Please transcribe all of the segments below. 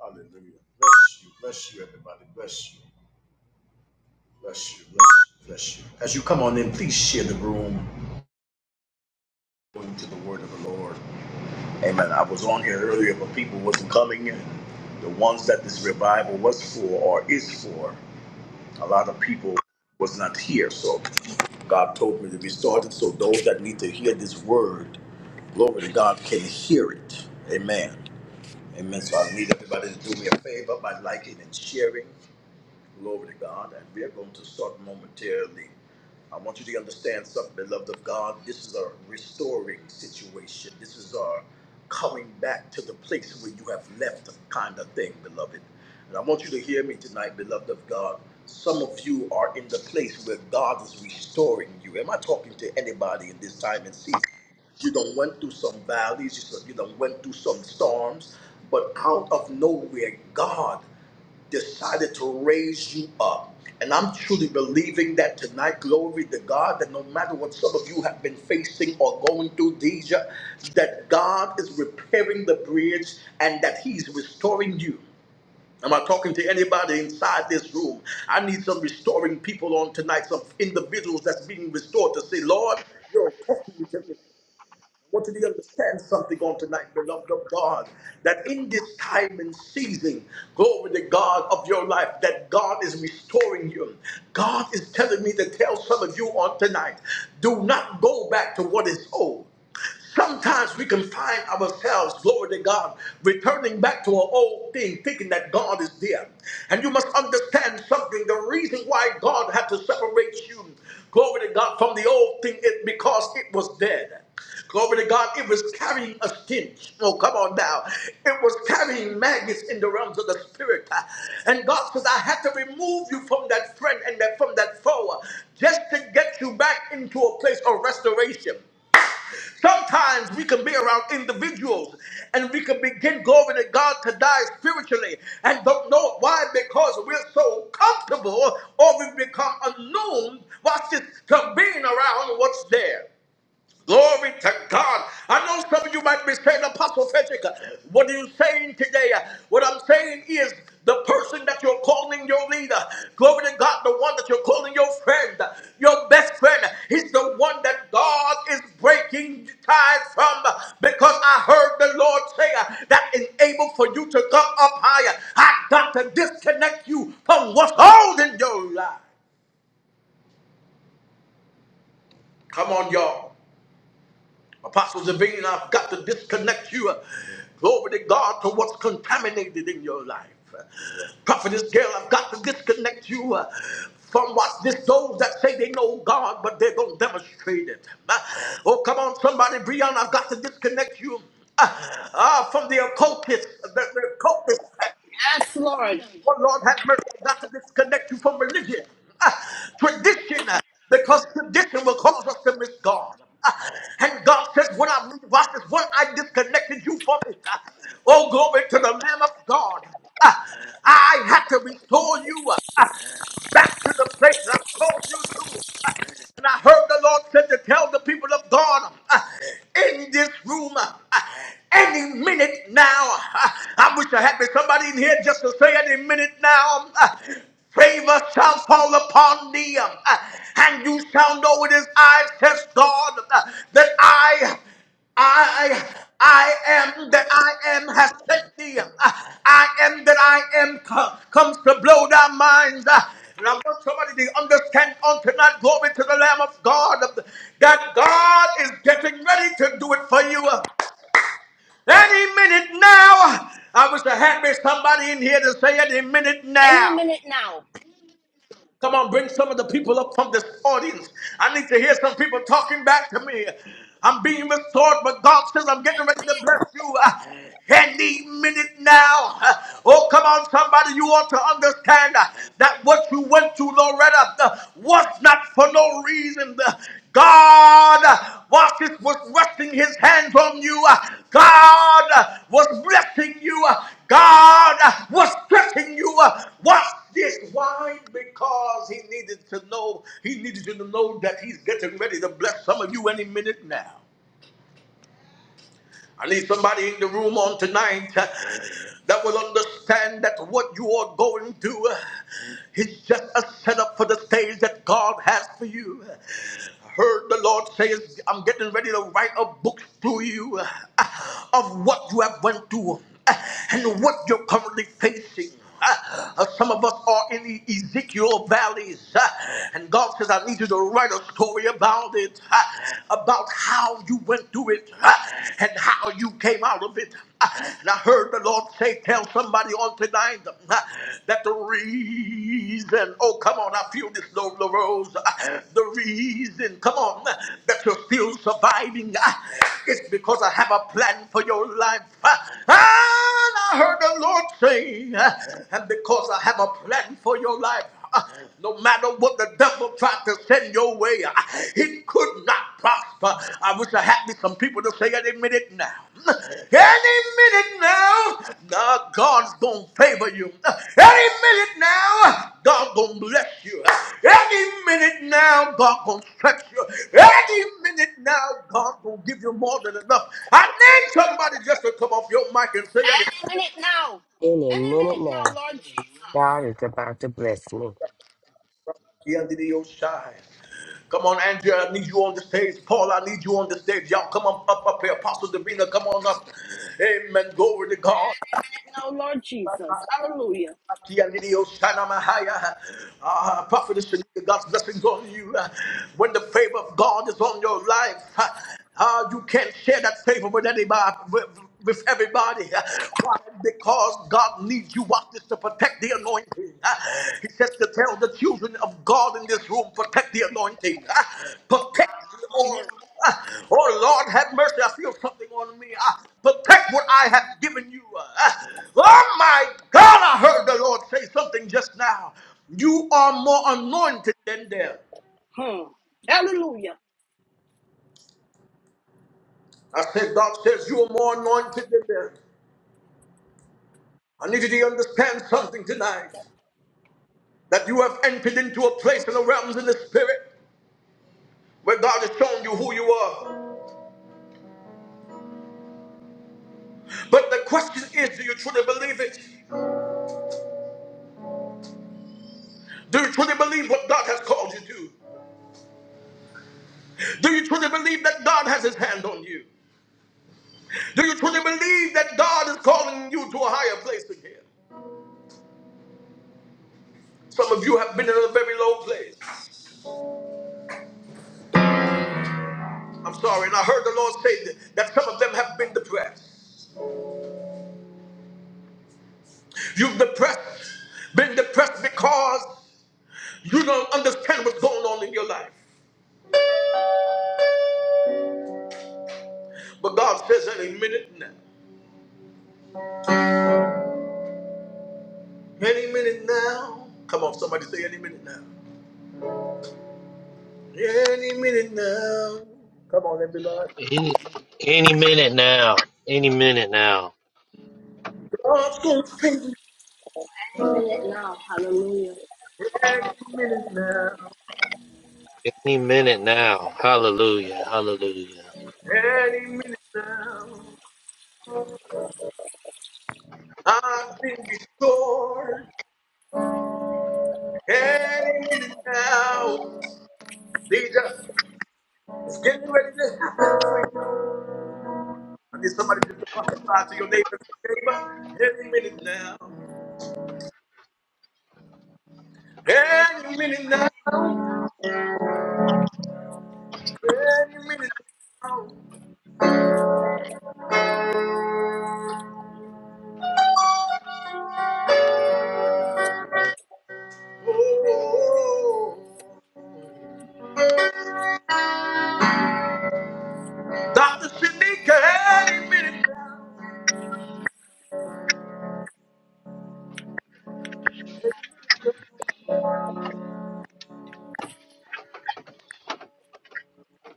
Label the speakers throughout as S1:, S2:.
S1: Hallelujah. Bless you. Bless you, everybody. Bless you. Bless you. Bless you. Bless you. As you come on in, please share the room. Going to the word of the Lord. Amen. I was on here earlier, but people wasn't coming in. The ones that this revival was for or is for, a lot of people was not here. So God told me to restart it. So those that need to hear this word, glory to God, can hear it. Amen. Amen. So I need everybody to do me a favor by liking and sharing. Glory to God. And we are going to start momentarily. I want you to understand something, beloved of God. This is a restoring situation. This is our coming back to the place where you have left kind of thing, beloved. And I want you to hear me tonight, beloved of God. Some of you are in the place where God is restoring you. Am I talking to anybody in this time and season? You done went through some valleys, you done you done went through some storms, but out of nowhere, God decided to raise you up. And I'm truly believing that tonight, glory to God, that no matter what some of you have been facing or going through, Deja, that God is repairing the bridge and that He's restoring you. Am I talking to anybody inside this room? I need some restoring people on tonight, some individuals that's being restored to say, Lord, you're talking to me. I want you to understand something on tonight, beloved of God, that in this time and season, glory to God of your life, that God is restoring you. God is telling me to tell some of you on tonight, do not go back to what is old. Sometimes we can find ourselves, glory to God, returning back to an old thing, thinking that God is there. And you must understand something. The reason why God had to separate you Glory to God from the old thing it, because it was dead. Glory to God, it was carrying a stench. Oh, come on now. It was carrying maggots in the realms of the spirit. And God says, I had to remove you from that friend and that, from that foe just to get you back into a place of restoration. Sometimes we can be around individuals and we can begin going to God to die spiritually and don't know why because we're so comfortable or we become alone. Watch this to being around what's there. Glory to God. I know some of you might be saying, Apostle Frederick, what are you saying today? What I'm saying is the person that you're calling your leader, glory to God, the one that you're calling your friend, your best friend, he's the one that God is breaking ties from because I heard the Lord say that is able for you to come up higher. I got to disconnect you from what's holding your life. Come on, y'all. Apostle Zavine, I've got to disconnect you, uh, glory to God, to what's contaminated in your life. Uh, Prophetess Gail, I've got to disconnect you uh, from what this those that say they know God, but they don't demonstrate it. Uh, oh, come on, somebody, Brian, I've got to disconnect you uh, uh, from the occultist, the, the occultist.
S2: Yes, Lord.
S1: Oh Lord, have mercy. not to disconnect you from religion, ah, tradition, ah, because tradition will cause us to miss God. Ah, and God says, when I moved I says, when I disconnected you from it, ah, oh glory to the Lamb of God. Ah, I had to restore you ah, ah, back to the place that I called you to. And I heard the Lord said to tell the people of God uh, in this room uh, any minute now. uh, I wish I had been somebody in here just to say any minute now. uh, Favor shall fall upon thee, uh, and you shall know it is I, says God, uh, that I I I am that I am has sent thee. uh, I am that I am comes to blow their minds. Uh, And I want somebody to understand on tonight, glory to the Lamb of God, uh, that God is getting ready to do it for you. Uh, Any minute now, I wish I had me somebody in here to say any minute
S2: Any
S1: now.
S2: minute now.
S1: Come on, bring some of the people up from this audience. I need to hear some people talking back to me. I'm being restored, but God says I'm getting ready to bless you uh, any minute now. Uh, Oh, come on, somebody, you ought to understand uh, that what you went through, Loretta, uh, was not for no reason. Uh, God, uh, whilst it was resting his hands on you, uh, God uh, was blessing you. God uh, was stretching you. Uh, watch this. Why? Because he needed to know. He needed you to know that he's getting ready to bless some of you any minute now. I need somebody in the room on tonight uh, that will understand that what you are going through uh, is just a setup for the stage that God has for you. I heard the Lord say, I'm getting ready to write a book through you uh, of what you have went through uh, and what you're currently facing. Ah, uh, some of us are in the Ezekiel valleys, ah, and God says, I need you to write a story about it, ah, about how you went through it ah, and how you came out of it. Ah, And I heard the Lord say, Tell somebody on tonight ah, that the reason, oh, come on, I feel this, Lola Rose, ah, the reason, come on, ah, that you're still surviving ah, is because I have a plan for your life. Ah, ah, and I heard the Lord one thing, uh, and because I have a plan for your life. uh, No matter what the devil tried to send your way, he could not prosper. I wish I had me some people to say any minute now. eh, Any minute now, uh, God's gonna favor you. eh, Any minute now, God gonna bless you. eh, Any minute now, God gonna stretch you. eh, Any minute now, God gonna give you more than enough. I need somebody just to come off your mic and say it.
S2: Any minute now.
S3: Any
S2: Any
S3: minute
S2: minute now,
S3: now,
S2: Lord Jesus.
S3: God is about to bless me.
S1: Yadidiyosha. Come on, Andrea, I need you on the stage. Paul, I need you on the stage. Y'all come on up up here. Apostle Davina, come on up. Amen. Glory to God.
S2: Any minute now, Lord Jesus. Hallelujah.
S1: Uh, prophetess, Shanika, God's blessings on you. Uh, when the favor of God is on your life, uh, uh, you can't share that favor with anybody. With, with everybody. Uh, Why? Because God needs you, watch this, to protect the anointing. Uh, He says to tell the children of God in this room, protect the anointing. Uh, Protect the oil.
S2: Hallelujah.
S1: Uh, Oh Lord, have mercy. I feel something on me. Uh, Protect what I have given you. Uh, Oh my God, I heard the Lord say something just now. You are more anointed than them.
S2: Hmm. Hallelujah.
S1: I said, God says you are more anointed than them. I need you to understand something tonight that you have entered into a place in the realms in the spirit where God is showing you who you are. But the question is, do you truly believe it? Do you truly believe what God has called you to? Do you truly believe that God has his hand on you? Do you truly believe that God is calling you to a higher place again? Some of you have been in a very low place. I'm sorry. And I heard the Lord say that, that some of them have been depressed. You've depressed, been depressed because you don't understand what's going on in your life. But God says any minute now. Any minute now. Come on, somebody say any minute now. Any minute now. Come on, everybody.
S4: Any, any minute now. Any minute now.
S1: God's gonna save you
S2: Any minute now. Hallelujah.
S1: any minute now.
S4: Any minute now. Hallelujah. Hallelujah.
S1: Any minute now. I've been restored. Any minute now, these are- it's getting ready to happen. I need somebody just to prophesy to your neighbor, neighbor. Any minute now,
S2: Yep.
S1: any minute now, any minute now. Oh, Dr. Shanika, any minute now.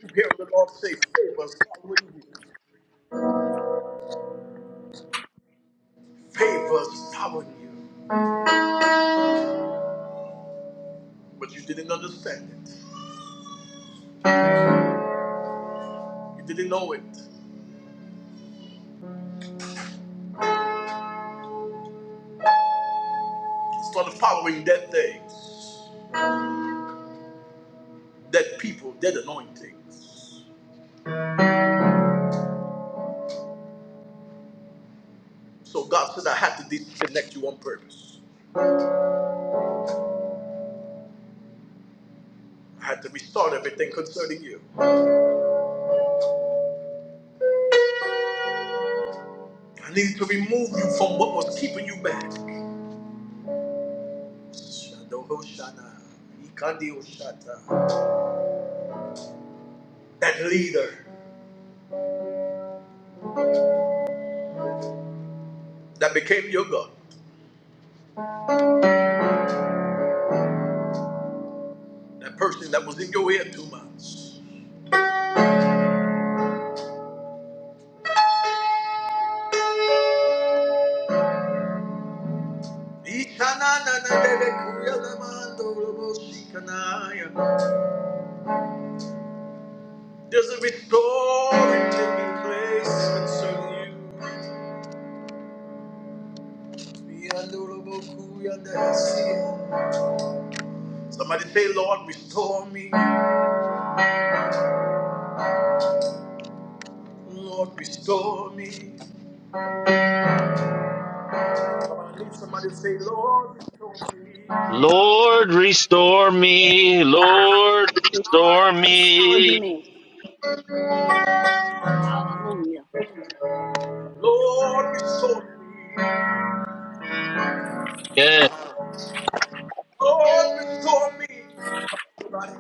S1: You hear the Lord say, favors following you, favors following you. But you didn't understand it, you didn't know it. It started following that day. Dead people, dead anointings. So God said, I had to disconnect you on purpose. I had to restart everything concerning you. I needed to remove you from what was keeping you back. That leader that became your God, that person that was in your ear two months. There's a restoring taking place concerning you. Somebody say, Lord, restore me. Lord, restore me. Somebody, somebody say, Lord, restore me.
S4: Lord, restore me. Lord, restore
S2: Lord, restore to
S4: me.
S2: me. Hallelujah.
S1: Lord, restore me.
S4: Yeah.
S1: Lord, restore me. Somebody,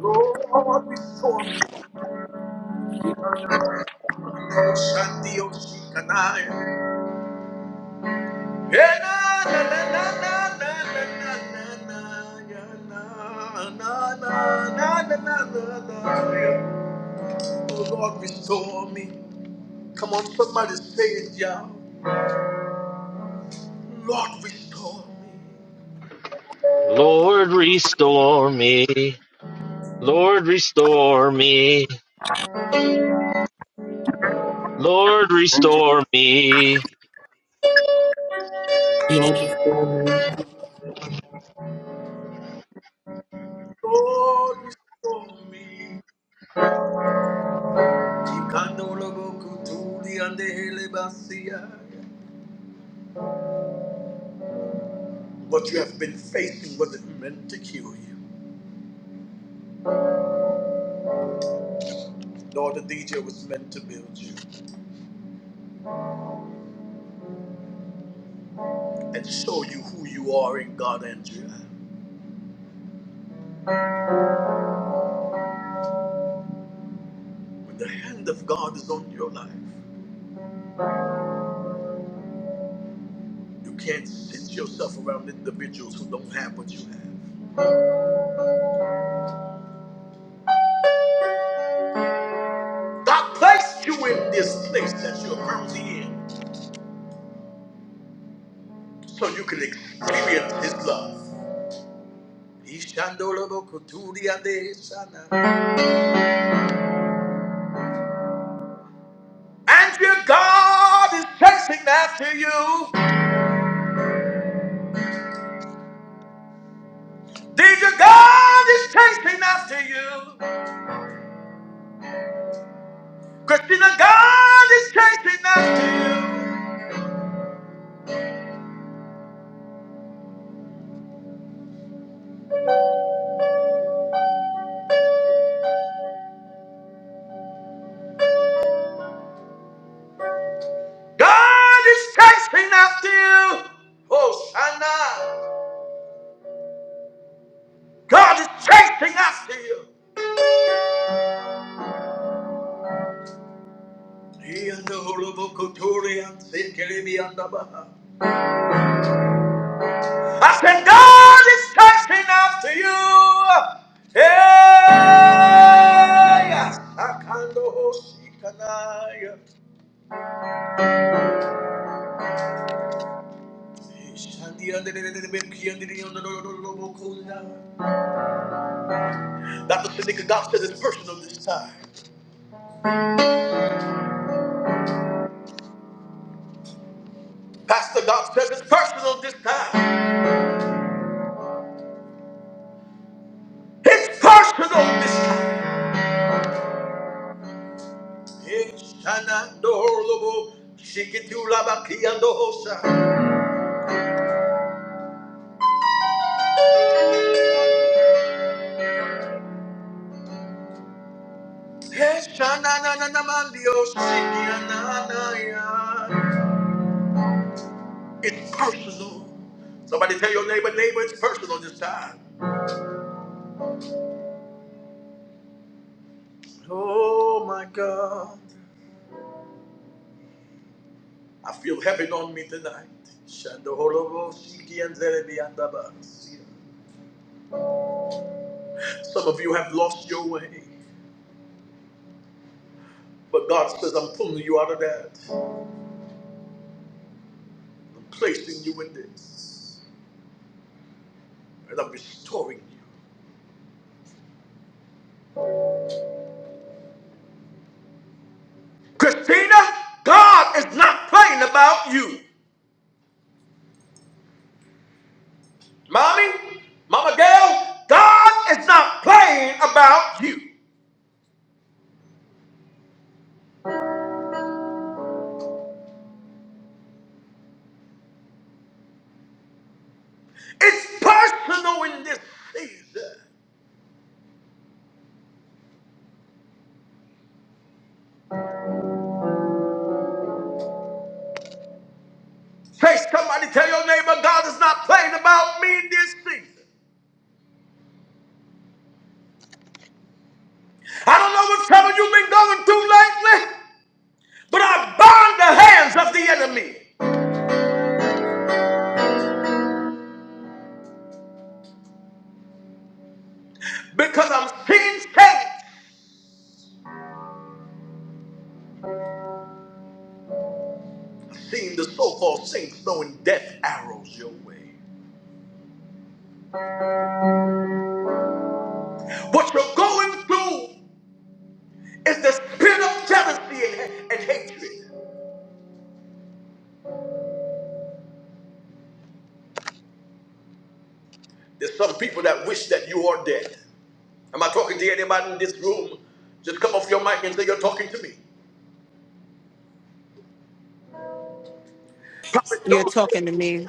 S1: Lord, restore me. Lord, Shanti Oshikanai. Yeah, na, na, na, na, na, na, na, na, na, yeah, na, na, na, na, na, na, na, na, yeah. Oh, Lord, restore me. Come on, somebody say it, yeah. Lord, restore me.
S4: Lord, restore me. Lord, restore me. Lord,
S5: Lord,
S4: restore me.
S5: restore me.
S1: Lord, restore me. Ikandolobokutundi andehelebasia. What you have been facing wasn't meant to kill you, Lord, the DJ was meant to build you and show you who you are in God, Andrea. When the hand of God is on your life, you can't sit yourself around individuals who don't have what you have. God placed you in this place that you're currently in. so you can experience His love. And your God is chasing after you. Did your God is chasing after you. Christina, God is chasing after you. God is chasing after you. Oh, Shana. God is chasing after you. Iandolobokoturiansekelemiandabaha. I said, God is chasing after you. Hey, Asakando Hosikanaya. Dr. Shanika, God says it's personal this time. Pastor God says it's personal this time. It's personal this time. Eshanandorobo, shikitulabakiandohosa. Eshanananamandio, shikiananaya. It's personal. Somebody tell your neighbor, neighbor, it's personal this time. Oh my God. I feel heaven on me tonight. Shandoholobo, Shiki, and Zerebi, and Abasi. Some of you have lost your way, but God says, I'm pulling you out of that. I'm placing you in this, and I'm restoring you. Christina, God is not playing about you. Mommy, Mama Gail, God is not playing about you. It's personal in this season. Say somebody, tell your neighbor, God is not playing about me in this season. I don't know what trouble you've been going through lately, but I bind the hands of the enemy because I'm seeing saints, seeing the so-called saints throwing death arrows your way. What you're going through is the spirit of jealousy and, and hatred. There's some people that wish that you are dead. Am I talking to anybody in this room? Just come off your mic and say you're talking to me. Prophet
S6: You're
S1: George,
S6: talking to me.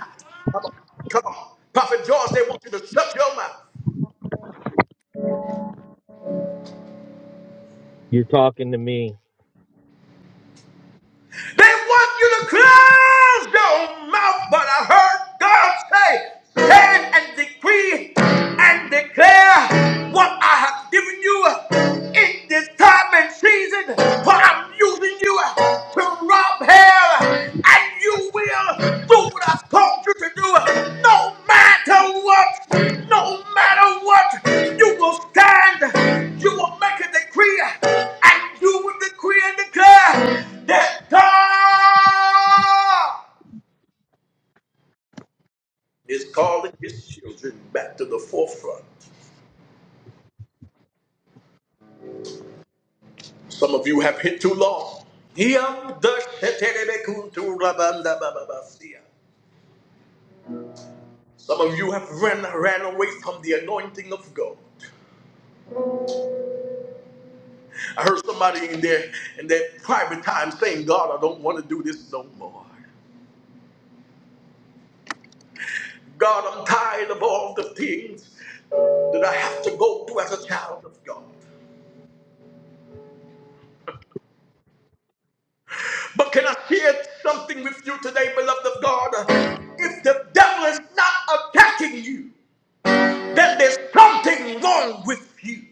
S1: come on, come on. Prophet George, they want you to shut your mouth.
S4: You're talking to me.
S1: They want you to close your mouth, but I heard God say, stand and decree and declare what I have given you in this time and season, for I'm using you to rob hell and you will do what I've called you to do. No matter what, no matter what, you will stand, you will make a decree, and you will decree and declare that God is calling his children back to the forefront. Some of you have hit too long. Some of you have ran, ran away from the anointing of God. I heard somebody in there in that private time saying, God, I don't want to do this no more. God, I'm tired of all the things that I have to go through as a child of God. But can I share something with you today, beloved of God? If the devil is not attacking you, then there's something wrong with you.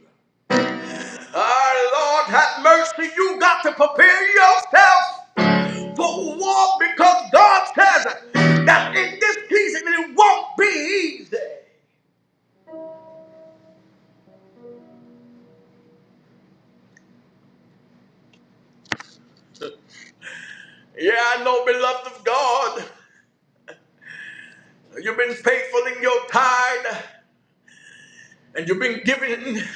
S1: Our Lord, have mercy. You got to prepare yourself for war because God says that in this season it won't be easy. Yeah, I know, beloved of God, you've been faithful in your tithe, and you've been giving, and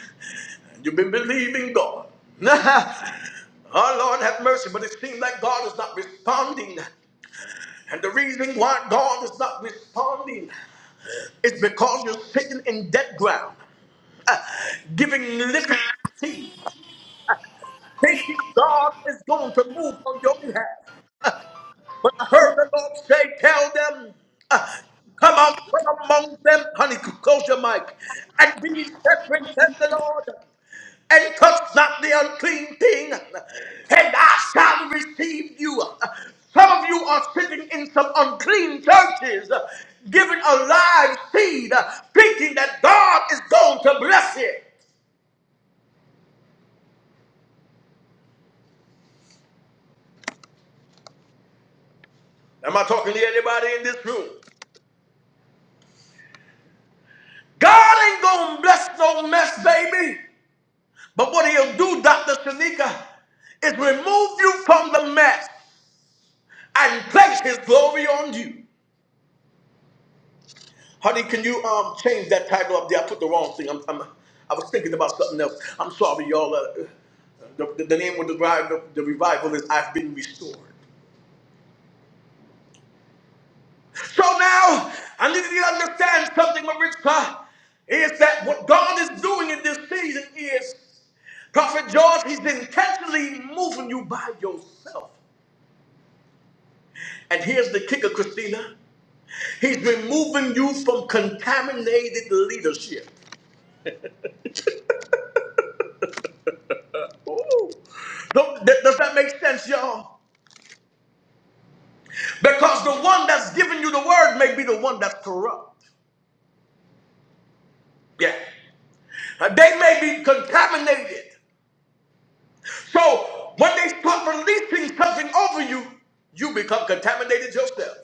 S1: you've been believing God. Oh Lord, have mercy, but it seems like God is not responding. And the reason why God is not responding is because you're sitting in dead ground, uh, giving living seed, thinking God is going to move on your behalf. But I heard the Lord say, Tell them, uh, come out from among them, honey, close your mic, and be separate, says the Lord, and touch not the unclean thing, and I shall receive you. Some of you are sitting in some unclean churches, uh, giving a live seed, uh, thinking that God is going to bless it. Am I talking to anybody in this room? God ain't gonna bless no mess, baby. But what he'll do, Dr. Shanika, is remove you from the mess and place his glory on you. Honey, can you um change that title up there? I put the wrong thing. I'm, I'm, I was thinking about something else. I'm sorry, y'all. Uh, the, the, the name of the, revi- the, the revival is I've Been Restored. So now, I need you to understand something, Maritza, is that what God is doing in this season is, Prophet George, he's intentionally moving you by yourself. And here's the kicker, Christina. He's removing you from contaminated leadership. Ooh. Don't- th- Does that make sense, y'all? Because the one that's giving you the word may be the one that's corrupt. Yeah. Uh, They may be contaminated. So when they start releasing something over you, you become contaminated yourself.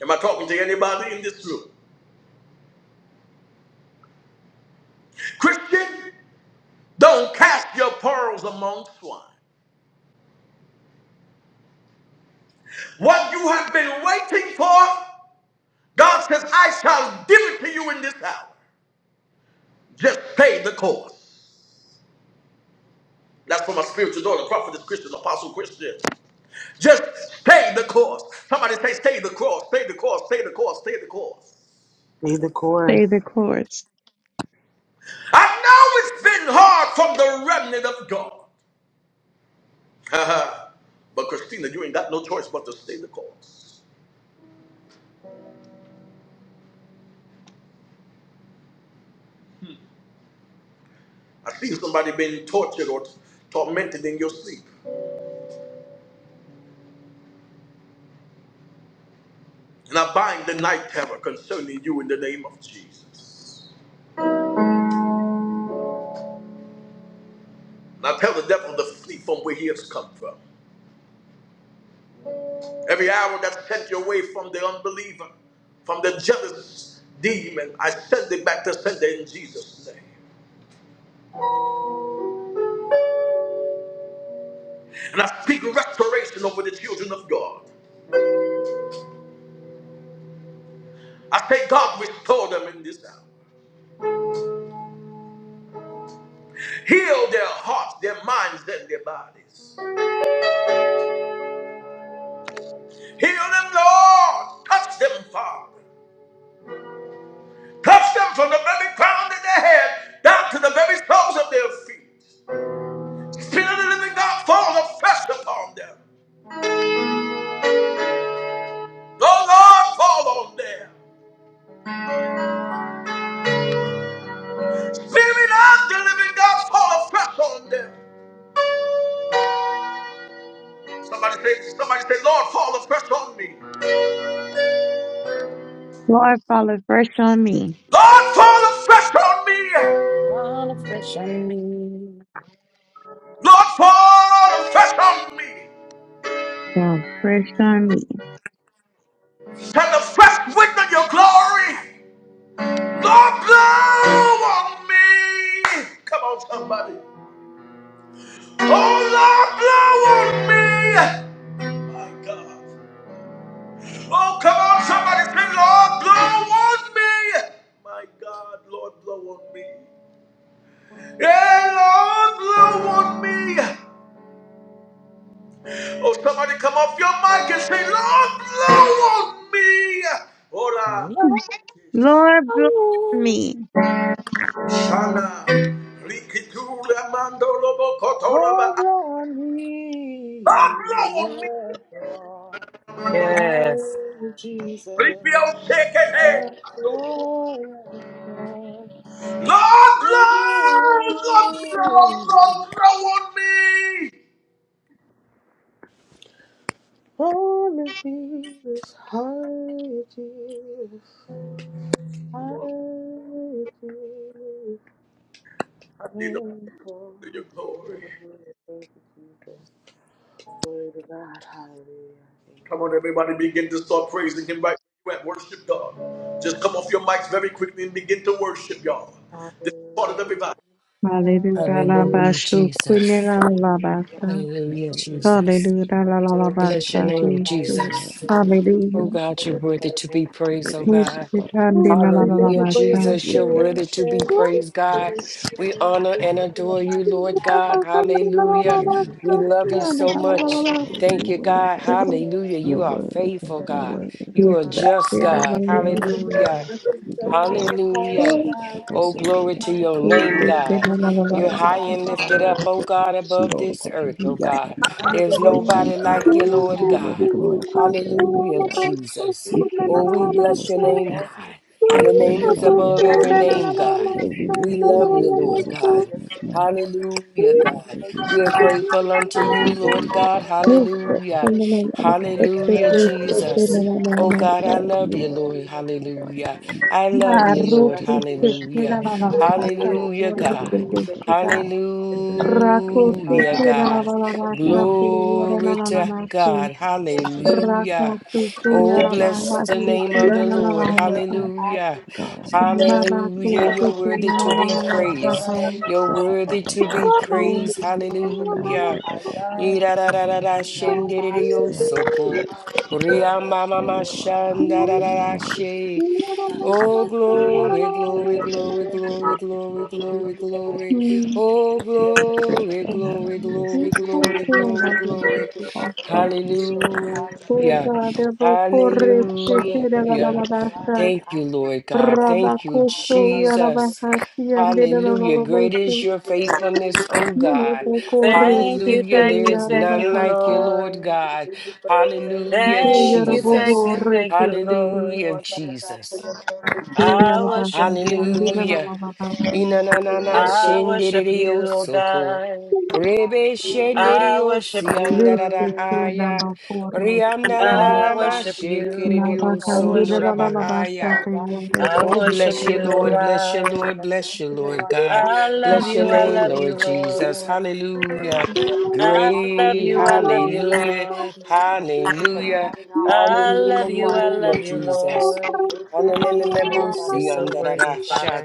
S1: Am I talking to anybody in this room? Christian, don't cast your pearls among swine. What you have been waiting for God says, I shall give it to you in this hour. Just stay the course. That's for my spiritual daughter, prophetess Christian, apostle Christian. Just stay the course. Somebody say, stay the course, stay the course, stay the course, stay the course.
S5: Be the chorus.
S7: Save the chorus.
S1: I know it's been hard from the remnant of God. Uh-huh. But Christina, you ain't got no choice but to stay the course. I see somebody being tortured or t- tormented in your sleep. And I bind the night terror concerning you in the name of Jesus. And I tell the devil to flee from where he has come from. Every hour that's sent your way from the unbeliever, from the jealous demon, I send it back to sender in Jesus' name. And I speak restoration over the children of God. I say, God, restore them in this hour. Heal their hearts, their minds, and their bodies. Heal them, Lord. Touch them, Father. Touch them from the very crown of their head down to the very soles of their feet. Spirit of the living God, fall afresh upon them. Oh, Lord, fall on them. Spirit of the living God, fall afresh on them. Somebody say, somebody say, Lord, fall afresh on me.
S7: Lord, fall afresh on me.
S1: Lord, fall afresh on me.
S8: All to fish in me.
S1: Lord, fall afresh on me.
S7: Fall fresh on me.
S1: Send the fresh wind of your glory. Lord, blow on me. Come on, somebody. Oh, Lord, blow on me. My God. Oh, come on, somebody say, Lord, blow on me. My God, Lord, blow on me. Yeah, Lord, blow on me. Oh, somebody come off your mic and say, Lord, blow on me. Ora.
S8: Love
S7: Lord, bless
S8: you.
S7: me.
S1: Shana. Rikitula mandolo bokotola
S5: Lord,
S1: ba.
S5: Lord,
S1: Lord,
S5: me,
S1: blow on me.
S5: yes, Lord.
S8: Yes.
S5: Hallelujah, Jesus.
S1: Ripio
S5: Yes,
S1: sekete.
S5: Lord, yes, Lord.
S1: Lord, blow, Lord, blow,
S5: Ooh.
S1: Lord, blow on me.
S5: Holy Jesus, Hallelujah, Jesus.
S1: Lord,
S5: Hallelujah, Jesus.
S1: I need a
S5: Yes,
S1: your
S5: Lord.
S1: glory.
S5: Hallelujah, thank you, Jesus. Glory to God, hallelujah. Thank you.
S1: Come on, everybody, begin to start praising Him right where you at. Worship God. Just come off your mics very quickly and begin to worship, y'all. This is part of the
S5: Hallelujah.
S1: revival.
S7: Hallelujah. la, ba,
S3: Hallelujah,
S7: shu,
S3: Jesus.
S7: kwini, la, la, ba,
S5: Jesus,
S7: sa.
S9: You're
S3: Hallelujah,
S9: worthy,
S3: Jesus.
S7: Hallelujah. la, la, la,
S5: Lord, we
S7: ba,
S5: just
S3: Bless your
S7: sa,
S3: name,
S7: si,
S5: glorify
S7: shu.
S5: you. We
S3: Jesus.
S5: praise you
S3: Oh
S7: Hallelujah.
S3: God,
S5: for
S3: you're
S5: your
S3: worthy to be
S5: presence.
S3: praised, oh God.
S7: Mushi, kandi,
S5: Whew,
S7: la, la,
S5: We
S7: la, la,
S5: thank
S3: Hallelujah,
S5: you
S7: ba,
S5: for your
S7: sa.
S3: Jesus. You're worthy to
S5: restoration.
S3: be
S5: We
S7: Mushi,
S5: thank
S3: praised,
S5: you for
S3: God.
S5: your
S3: We
S5: healing.
S3: honor
S5: We thank
S3: and
S5: you for your
S3: adore you,
S5: mighty
S3: Lord
S7: la, ba,
S3: God.
S5: power.
S7: kandi, la, la,
S5: We
S7: la,
S3: Hallelujah.
S7: ba,
S5: thank you
S3: We
S7: sa,
S5: for your
S7: si,
S3: love you
S5: blood.
S7: la, la,
S3: so
S7: la, la, la,
S3: much.
S7: ba, si,
S3: Thank you, God.
S7: lo.
S3: Hallelujah.
S9: you're
S3: You are
S9: worthy, you
S3: faithful, God. You are just,
S7: la, la, la, la, la. ba sa. Mushi, la, la,
S3: God.
S5: Thank
S9: we
S5: you
S9: love
S5: for
S9: you,
S3: Hallelujah.
S5: moving
S9: Lord.
S5: us and
S9: We
S5: setting
S9: lift
S5: us
S9: you up, we
S5: apart,
S9: just
S5: oh
S3: Hallelujah.
S9: shout out,
S5: God.
S9: God,
S5: Thank
S3: Oh,
S5: you for the
S9: you
S3: glory to
S9: come,
S5: plans
S3: your
S9: come,
S5: and
S9: come, you
S3: name,
S5: purpose
S9: are the
S3: God.
S9: Lord,
S7: la, la,
S9: the
S3: You're
S7: ba
S5: that
S9: Most
S5: you
S9: High
S3: high
S9: God,
S5: have
S3: and
S5: for
S9: the
S3: lifted
S5: our
S9: God of
S3: up,
S5: lives.
S3: oh
S9: God,
S5: Thank
S9: who
S5: you
S3: God,
S5: for
S9: see
S3: above
S5: keeping
S3: this
S5: us
S3: earth, oh
S9: you
S3: God.
S5: under the
S3: There's
S9: We
S5: wings
S3: nobody
S9: thank
S5: of
S9: you,
S3: like
S9: Lord.
S5: your
S3: you, Lord
S9: Hallelujah.
S5: shadow.
S9: We
S3: God.
S9: glorify you. We lift
S3: Hallelujah,
S9: you up.
S5: Lord, we just
S3: Jesus.
S5: thank
S9: We
S5: you
S3: Oh,
S9: praise
S3: we
S9: thee, the
S3: bless your
S9: Most High
S5: for
S3: name,
S9: God.
S5: all the
S3: God.
S9: There's
S3: Your
S5: We
S9: none
S3: name
S9: like
S5: thank
S3: is
S9: God.
S5: you
S9: We
S3: above
S5: for
S3: every
S5: you.
S9: hallelujah.
S3: name,
S5: We thank you
S3: God.
S9: And
S5: for
S9: we
S3: We
S9: love
S5: provision.
S9: the
S3: love you,
S9: Lord
S5: We
S3: Lord
S5: thank
S9: Jesus.
S5: you for
S9: There's
S3: God.
S5: your
S9: no none.
S5: favor.
S9: If
S3: Hallelujah,
S5: We
S9: you
S5: thank you
S9: walk
S3: God.
S9: in
S5: for your
S9: this
S3: We are
S9: area,
S5: anointing.
S3: grateful
S5: We
S3: unto
S9: what
S5: thank
S3: you,
S5: you
S9: we
S5: for your
S9: will be
S3: Lord God.
S9: without you, Father God.
S5: we
S3: Hallelujah.
S5: thank you for
S9: God, I
S5: being a
S9: guess
S3: Hallelujah,
S9: she could
S5: friend.
S9: call you of
S3: Jesus.
S9: the
S5: Hallelujah.
S3: Oh,
S9: before
S3: God,
S9: you
S3: I
S9: get a
S3: love
S9: little
S3: you,
S5: For
S9: of you.
S3: Lord.
S5: being a
S9: You know,
S3: Hallelujah.
S5: deliverer,
S9: you only
S3: I
S9: come
S3: love
S9: to
S3: you,
S9: see
S5: a
S3: Lord.
S9: good
S5: rescuer.
S9: so
S3: Hallelujah.
S5: Hallelujah. We
S3: Hallelujah,
S5: thank you,
S9: you're
S3: God.
S9: going to do this.
S5: Jesus. The
S9: You're going to
S5: prison
S9: do
S5: of
S9: it.
S5: my
S9: You're going to be
S3: Hallelujah,
S9: about
S5: darkness. We
S3: God.
S5: thank
S9: promise.
S5: you for
S9: We honor you,
S5: salvation.
S9: Father
S3: Glory
S9: God, and
S3: to
S9: we lift you up
S3: God.
S9: and we
S5: We
S9: say this is
S5: thank you,
S9: thank
S5: Lord
S7: Raka
S9: you.
S3: Hallelujah.
S7: tu
S5: Father
S9: We
S5: God,
S3: Oh,
S9: thank
S7: kuyara
S9: you, Father
S3: bless
S5: for
S3: the
S9: God,
S5: being
S7: bahasi
S3: name
S5: our
S7: tu
S3: of
S9: for
S3: the
S7: na
S9: this
S7: na na
S9: and
S7: na
S3: Lord.
S9: that,
S5: justifier,
S9: Father
S7: na
S9: God.
S5: our
S3: Hallelujah.
S9: God
S5: advocate,
S9: Almighty, the
S7: Rabakoso,
S9: creator
S3: Hallelujah. You're
S9: of
S3: worthy
S9: this,
S3: to be
S9: the
S3: praised.
S9: creator,
S3: You're
S5: friend.
S9: the supplier,
S3: worthy to
S9: the
S3: be
S9: shepherd of
S5: Lord,
S3: praised.
S9: this, the provider,
S3: Hallelujah.
S5: I love
S9: the
S5: we look to
S9: provider,
S3: Irarararara
S5: you, being
S9: the
S5: our
S9: man, you
S3: shenderere
S9: say,
S5: Father,
S3: yosoko.
S9: hallelujah.
S5: Hallelujah,
S9: Thank you.
S3: Ria mama
S9: And we
S5: oh God.
S9: glorify you.
S3: mashanda
S5: I
S9: We
S5: praise
S3: Oh,
S9: bless
S5: you, oh
S9: your
S5: God.
S9: you,
S3: glory,
S5: We
S3: glory,
S5: thank you for
S9: Hallelujah.
S3: glory,
S9: Thank
S5: your love.
S9: you,
S3: glory,
S9: Lord.
S3: glory,
S5: We thank
S9: Thank you.
S3: glory,
S9: We Thank
S3: glory.
S9: you. Father.
S3: Oh,
S5: you for
S9: We
S5: your
S9: thank you,
S5: grace.
S9: Father
S3: glory,
S9: God.
S3: glory,
S9: Hallelujah.
S5: We thank you for your forgiveness. We
S3: glory,
S9: So,
S5: thank you for
S3: glory,
S5: your
S9: thank you,
S3: glory,
S5: protection.
S9: Satana.
S3: glory.
S5: We thank you for your
S9: Thank you,
S5: healing.
S9: Satana. Thank you,
S3: Hallelujah.
S5: Hallelujah.
S9: Yadama.
S5: We
S9: Of
S5: thank you
S9: course,
S5: for your
S9: Satana. Thank
S5: word
S9: you,
S3: Hallelujah.
S5: that
S9: Yadama.
S5: God is
S3: Thank you,
S5: active
S3: Lord God.
S5: performing
S3: Thank you,
S5: our lives. Hallelujah.
S3: Jesus. Hallelujah. Great
S5: We
S3: is your
S5: give you glory.
S3: faithfulness, O
S5: We
S3: God.
S5: give you praise. We
S8: Thank
S5: thank you
S8: you,
S5: for
S3: Hallelujah.
S8: thank you,
S3: There's
S8: thank you,
S5: revelation,
S3: none
S5: oh
S3: like you,
S5: God.
S3: Lord
S8: Lord.
S5: We
S3: God.
S5: thank you for discernment
S7: Thank
S3: Hallelujah,
S5: and
S8: Thank you,
S5: wisdom, oh
S3: Jesus.
S8: thank you,
S5: Lord.
S8: thank you,
S5: We thank you,
S3: Hallelujah,
S5: Lord,
S8: Lord.
S5: Father God, for
S3: Jesus.
S5: your perfect will for
S8: I
S5: our
S8: worship
S5: lives. Hallelujah.
S3: Hallelujah.
S8: you.
S5: We thank you
S3: Inanana
S5: for
S8: I
S5: breaking
S8: worship
S5: the truth
S8: you,
S3: shenderio
S5: of
S8: oh
S5: God.
S3: soko.
S8: God.
S3: Rebe
S5: Hallelujah. We thank
S8: I
S3: shenderio
S5: you,
S8: worship
S5: oh God.
S8: you.
S3: siandarahaya.
S5: We
S8: I
S5: feel God
S3: Riandananama
S8: worship
S5: to be the Lord of
S3: shekerio
S8: you. I
S5: prayer,
S8: worship you.
S3: sondorabahaya.
S5: arriving in
S8: I
S5: our
S3: Oh,
S8: worship
S3: bless you,
S8: you, oh
S5: situation,
S3: Lord. Bless you,
S8: God.
S3: Lord. Bless you,
S5: answering
S3: Lord
S5: our
S3: God.
S8: I
S5: prayers.
S8: love
S3: Bless your
S8: you. I
S3: name,
S5: Hallelujah.
S8: love
S5: We
S8: you,
S3: Lord
S5: thank you,
S3: Jesus.
S5: Lord,
S8: Lord.
S5: for
S3: Hallelujah.
S5: keeping us
S8: I
S5: on our
S8: love
S3: Great.
S8: you, I
S5: behalf.
S8: love you,
S3: Hallelujah.
S8: Lord.
S5: Hallelujah. Thank you for
S3: Hallelujah.
S5: blotting out our
S8: I love
S5: sinful
S8: you, I
S5: fires that
S3: Hallelujah,
S8: love
S5: you
S8: you,
S3: Jesus.
S8: Lord.
S5: face the us,
S3: Hallelujah.
S5: Lord
S8: You're
S5: Father God.
S8: so
S5: We
S8: worthy, Father.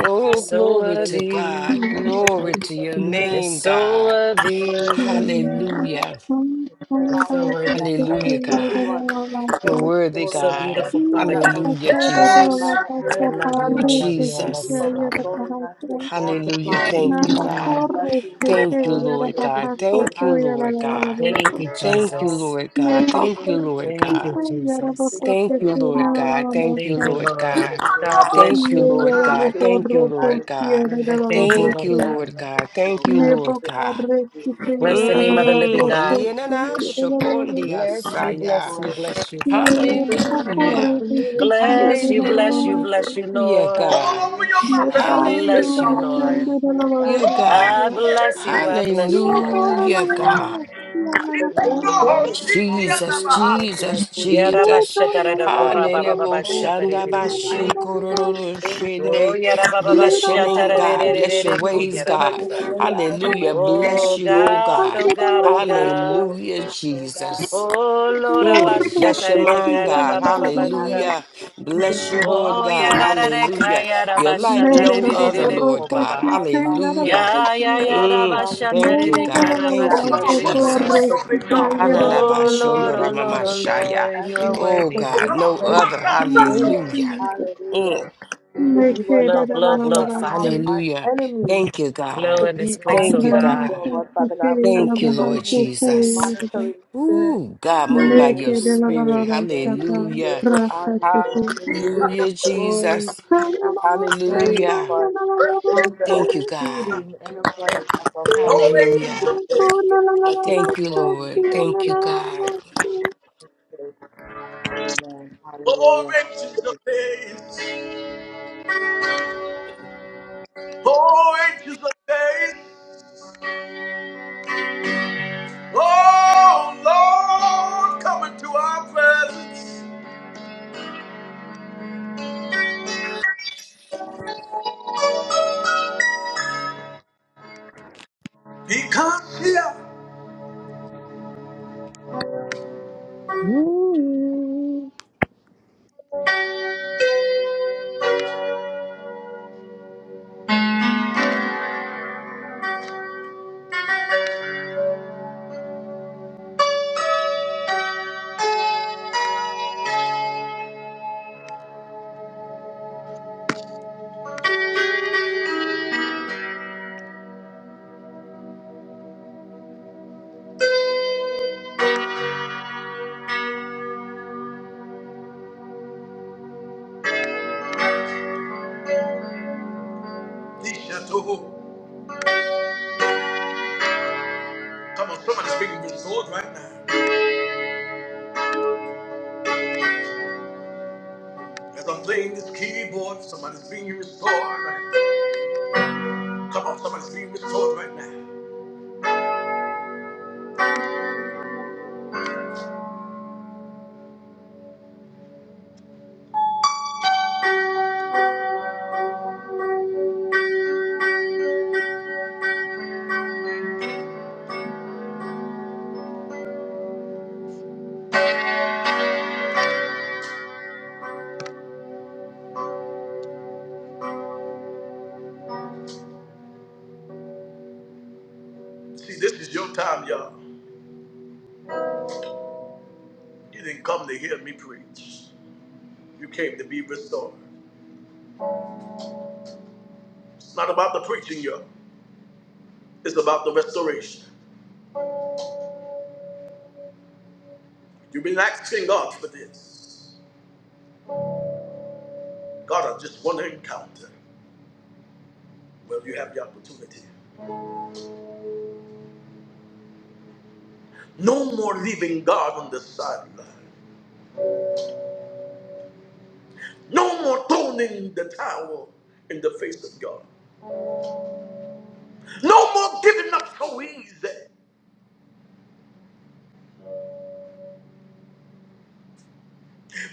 S3: Oh,
S5: honor you, we
S8: so
S3: glory
S5: praise
S3: to
S5: you.
S3: God.
S8: worthy.
S5: We thank
S3: Glory
S5: you
S3: to
S5: for
S3: your
S7: you.
S5: keeping
S8: You're
S5: us
S3: name,
S5: out of the
S8: so
S3: God.
S5: of the
S8: worthy.
S5: with this
S3: Hallelujah.
S7: Nebuchadnezzar,
S8: You're
S5: foul,
S8: so
S5: Lord
S8: worthy,
S5: Father God.
S8: Father.
S3: Hallelujah,
S5: We thank you,
S3: God.
S5: Lord, for
S3: You're
S8: You're
S3: worthy,
S5: restoring
S8: so
S5: us
S3: God.
S8: beautiful,
S5: everything
S8: Father
S5: that was
S8: God.
S3: Hallelujah,
S5: stolen by
S3: Jesus.
S5: the
S8: I
S5: enemy.
S8: love you,
S3: Oh,
S8: I love
S5: We
S8: you, I
S5: thank
S8: love
S5: you
S3: Jesus.
S8: you,
S5: for
S8: Father.
S5: restoring us and
S3: Hallelujah.
S5: multiplying
S3: Thank you,
S5: our
S3: God.
S8: Mm.
S5: blessings, oh
S3: Thank you,
S5: God. We
S3: Lord
S5: just thank
S3: God.
S5: you for
S3: Thank you,
S5: life.
S3: Lord God.
S5: We
S8: Thank
S5: thank
S8: you,
S5: you for
S3: Thank you,
S5: health.
S8: Jesus.
S3: Lord God.
S5: We
S3: Thank
S5: thank
S3: you,
S5: you for the
S3: Lord
S8: Thank
S3: God.
S8: you,
S5: healing. We
S8: Jesus.
S5: thank you for
S3: Thank you,
S5: your
S3: Lord
S5: power.
S3: God. Thank you,
S8: Thank you,
S3: Lord
S5: for your
S3: God.
S8: Lord.
S5: grace.
S8: God
S3: Thank
S8: bless
S3: you,
S8: you, Lord.
S3: Lord
S5: We just
S3: God.
S5: thank you
S3: Thank you,
S5: for
S3: Lord
S5: life.
S3: God.
S8: And I thank you,
S5: Life
S3: Thank
S8: Lord
S3: you,
S5: more
S3: Lord
S8: God.
S5: than
S3: God.
S5: you,
S3: Thank
S5: oh
S3: you,
S5: God.
S3: Lord
S5: We just thank
S3: God.
S5: you.
S8: Bless the
S5: We
S8: name of
S5: give
S8: the
S7: Yarabaha,
S5: you
S8: living
S5: glory.
S3: Mm,
S8: God.
S5: We give you
S7: Rokosi,
S3: yenana
S5: praise,
S3: shokondia
S8: Bless you,
S3: saya.
S8: bless you,
S5: Lord.
S8: bless you, Father.
S5: We
S7: May arabo
S5: thank you for
S3: Hallelujah.
S7: of
S5: community. We
S8: Bless you, bless you, bless you,
S5: thank you for
S3: Hallelujah,
S1: Come
S8: Lord.
S3: God.
S1: on,
S5: family.
S1: open your mouth and
S8: I
S5: We
S1: praise Him,
S5: thank
S8: bless
S5: you
S8: you,
S1: y'all.
S5: for friends
S8: Lord.
S5: and
S3: Hallelujah,
S5: family.
S1: Glory to
S3: God.
S8: I
S1: Him.
S5: We
S8: bless you,
S5: thank
S8: I
S5: you, Lord,
S8: bless you,
S5: Father
S8: Lord.
S5: God,
S3: Hallelujah,
S5: for
S3: God.
S5: the new
S1: Oh,
S8: Mm.
S5: day.
S1: seek Him,
S3: Jesus,
S5: Hallelujah.
S1: Namaha.
S5: That you are
S3: Jesus,
S5: doing in our lives,
S3: Jesus.
S5: Lord, Father God. We thank you.
S3: Hallelujah.
S5: Oh,
S3: Shanda
S5: I am
S8: Yarabashataradakorababababashataribiribiribiribiri.
S5: doing everything you say because
S8: Oh,
S5: you can to continue it,
S3: Bless your
S5: Lord
S3: name,
S5: Father God.
S3: God. Bless your
S8: yarabababashatararerererere.
S5: You
S8: Oh,
S5: think you
S3: ways,
S5: can make
S3: God.
S5: it a
S8: yarabasha.
S5: way out of the
S3: Hallelujah.
S8: Oh,
S3: Bless
S5: wasteland
S3: you, oh
S8: God,
S5: and
S3: God.
S8: oh
S5: a
S8: God,
S5: way
S8: oh
S5: out of the
S8: God.
S3: Hallelujah,
S5: wilderness, so God.
S3: Jesus.
S8: Oh
S5: We give you
S8: Lord,
S5: glory.
S3: Mm,
S8: Abasha,
S3: bless your
S8: Karede,
S5: Lord, we
S3: mind,
S5: thank you
S3: God.
S8: Kareba,
S5: for
S8: Kareba,
S5: our
S8: Kareba.
S5: marriage.
S7: Rocco,
S3: Hallelujah.
S5: We thank
S3: Bless
S5: you
S3: you,
S5: for our
S3: Lord
S8: Oh
S3: God.
S8: ya da
S5: children.
S8: da
S5: We
S8: de
S5: thank
S8: ka
S5: you
S3: Hallelujah.
S8: ya
S5: that
S8: da
S3: You're
S8: ba
S5: no
S8: sha
S3: like
S8: ta
S5: weapon
S8: de
S7: Mayor
S3: no
S8: de de
S5: formed
S8: de
S3: other,
S7: arabo
S8: de
S5: against
S3: Lord
S8: ko ba
S5: us
S3: God.
S8: ba.
S5: shall prosper,
S3: Hallelujah.
S8: Ya ya
S7: Rocco,
S5: and
S8: ya
S5: every
S8: da
S3: Mm,
S8: ba
S5: tongue
S8: sha
S7: I'm
S8: ta
S3: thank
S8: de
S3: you,
S8: de ka
S3: God.
S8: da ba
S3: Thank
S5: that
S8: shi
S3: you,
S8: te
S5: rises
S8: de
S5: up
S8: ka.
S5: against
S3: Jesus.
S5: us we shall condemn.
S8: Oh
S5: We
S8: Lord, oh
S5: thank you
S8: Lord, oh
S5: for making
S3: Halalabashondoramamashaya.
S8: Lord, you are
S5: every
S3: Oh,
S8: worthy.
S3: God,
S5: crooked
S3: no
S5: place
S3: other.
S5: Praise.
S3: Hallelujah.
S5: Hallelujah.
S3: Mm,
S5: We thank you, Lord
S8: Blow,
S5: Father
S8: blow,
S5: God, for
S8: blow,
S5: allowing
S8: Father.
S5: our
S3: hallelujah.
S5: enemies
S3: Thank you,
S8: Blow
S3: God.
S5: to
S8: in
S5: be
S8: this place,
S5: our
S3: Thank
S8: oh
S3: you,
S8: God.
S5: footstool,
S3: God.
S5: Lord Father God. We thank
S3: Thank
S5: you
S3: you,
S5: for
S3: Lord
S5: removing every
S3: Jesus.
S5: monitoring spirit
S3: Ooh, God,
S5: in
S3: move
S5: the
S3: by your
S5: mighty name of
S3: spirit.
S5: Jesus. Lord. We just give
S3: Hallelujah.
S5: you honor. We give
S3: Hallelujah,
S5: you glory.
S3: Jesus.
S5: We give you praise,
S3: Hallelujah.
S5: Lord. Doing
S3: Thank
S5: the
S3: you, God.
S5: exceeding and abundant above all
S1: Oh,
S5: we can
S1: angels
S3: Hallelujah.
S1: of days.
S5: imagine. I think of
S3: Thank you,
S5: Lord, we
S3: Lord.
S5: praise
S3: Thank you,
S5: your
S3: God.
S5: name. Amen.
S1: Oh,
S5: Hallelujah.
S1: angels of days. Oh, angels of days. Oh, Lord, come into our presence. Because here,
S5: Ooh.
S1: he shall do. Come on, somebody's being restored right now. As I'm playing this keyboard, somebody's being restored. right now. Come on, somebody's being restored right now. See, this is your time, y'all. You didn't come to hear me preach. You came to be restored. It's not about the preaching, y'all. It's about the restoration. You've been asking God for this. God, I just want to encounter. Well, you have the opportunity. No more leaving God on the sideline. No more throwing the towel in the face of God. No more giving up so easy.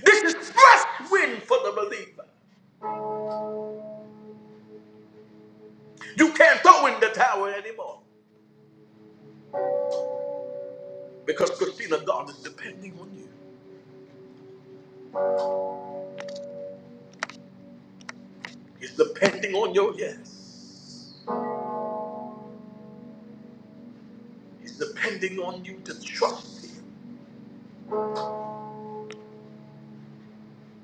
S1: This is fresh wind for the believer. You can't throw in the towel anymore because Christina, God is depending on you. He's depending on your yes. He's depending on you to trust Him.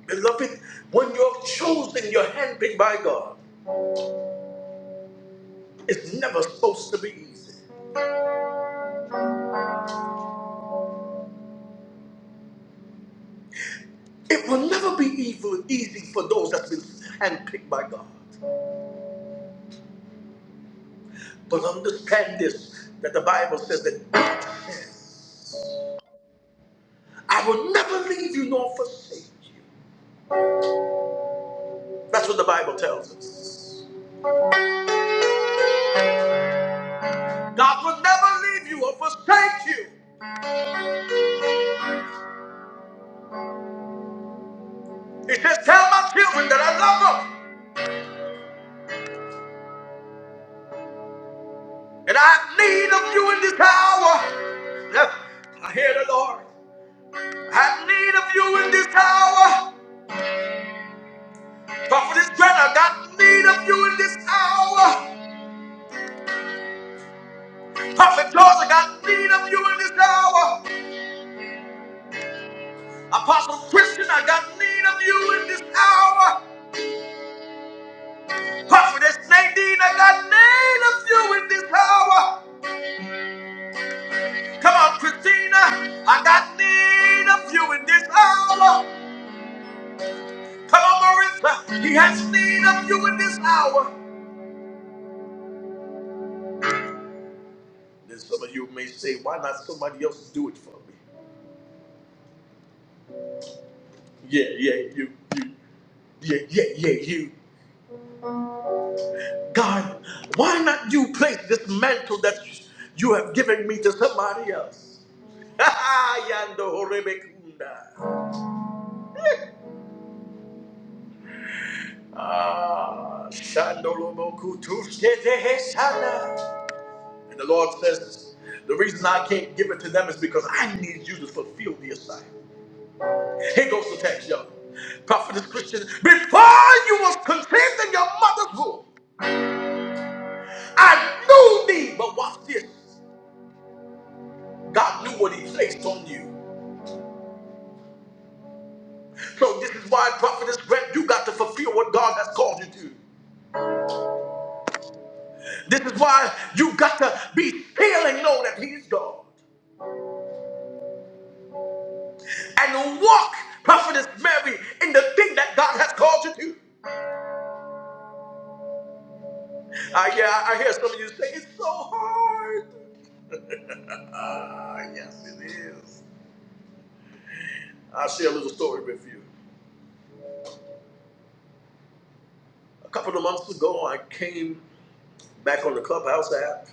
S1: Beloved, when you're chosen, you're handpicked by God. It's never supposed to be easy. It will never be evil, easy for those that's been handpicked by God. But understand this that the Bible says that God says, I will never leave you nor forsake you. That's what the Bible tells us. God will never leave you or forsake you. He says, Tell my children that I love them and I have need of you in this hour. Yeah, I hear the Lord. I have need of you in this hour. Prophetess is I got need of you in this hour. Prophet George, I got need of you in this hour. Apostle Christian, I got need of you in this hour. Prophetess Nadine, I got need of you in this hour. Come on, Christina. I got need of you in this hour. Come on, Marissa. He has need of you in this hour. Then some of you may say, why not somebody else do it for me? Yeah, yeah, you, you, yeah, yeah, yeah, you. God, why not you place this mantle that you have given me to somebody else? Yando Horebekunda. Ah, Shandolobokutushketehesana. And the Lord says, the reason I can't give it to them is because I need you to fulfill the assignment. Here goes the text, y'all. Prophetess Christian, before you was conceived in your mother's womb, I knew thee. But watch this. God knew what he placed on you. So this is why, Prophetess Grant, you got to fulfill what God has called you to. This is why you got to be still and know that he is God. And walk, Prophetess Mary, in the thing that God has called you to. I, yeah, I I hear some of you say it's so hard. Ah, yes, it is. I'll share a little story with you. A couple of months ago, I came back on the Clubhouse app,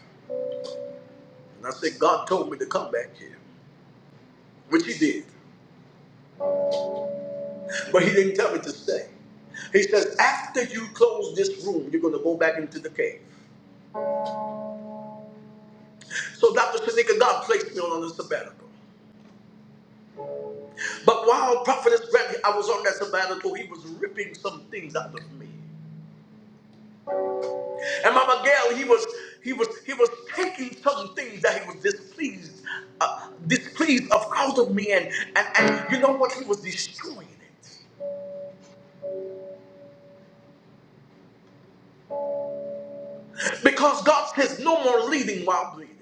S1: and I said, God told me to come back here, which He did, but He didn't tell me to stay. He says, after you close this room, you're going to go back into the cave. So Dr. Shanika, God placed me on a sabbatical. But while Prophetess Brandy, I was on that sabbatical, he was ripping some things out of me. And Mama Gail, he was he was he was taking some things that he was displeased, uh, displeased of out of me, and, and and you know what? He was destroying it because God says no more leading while bleeding,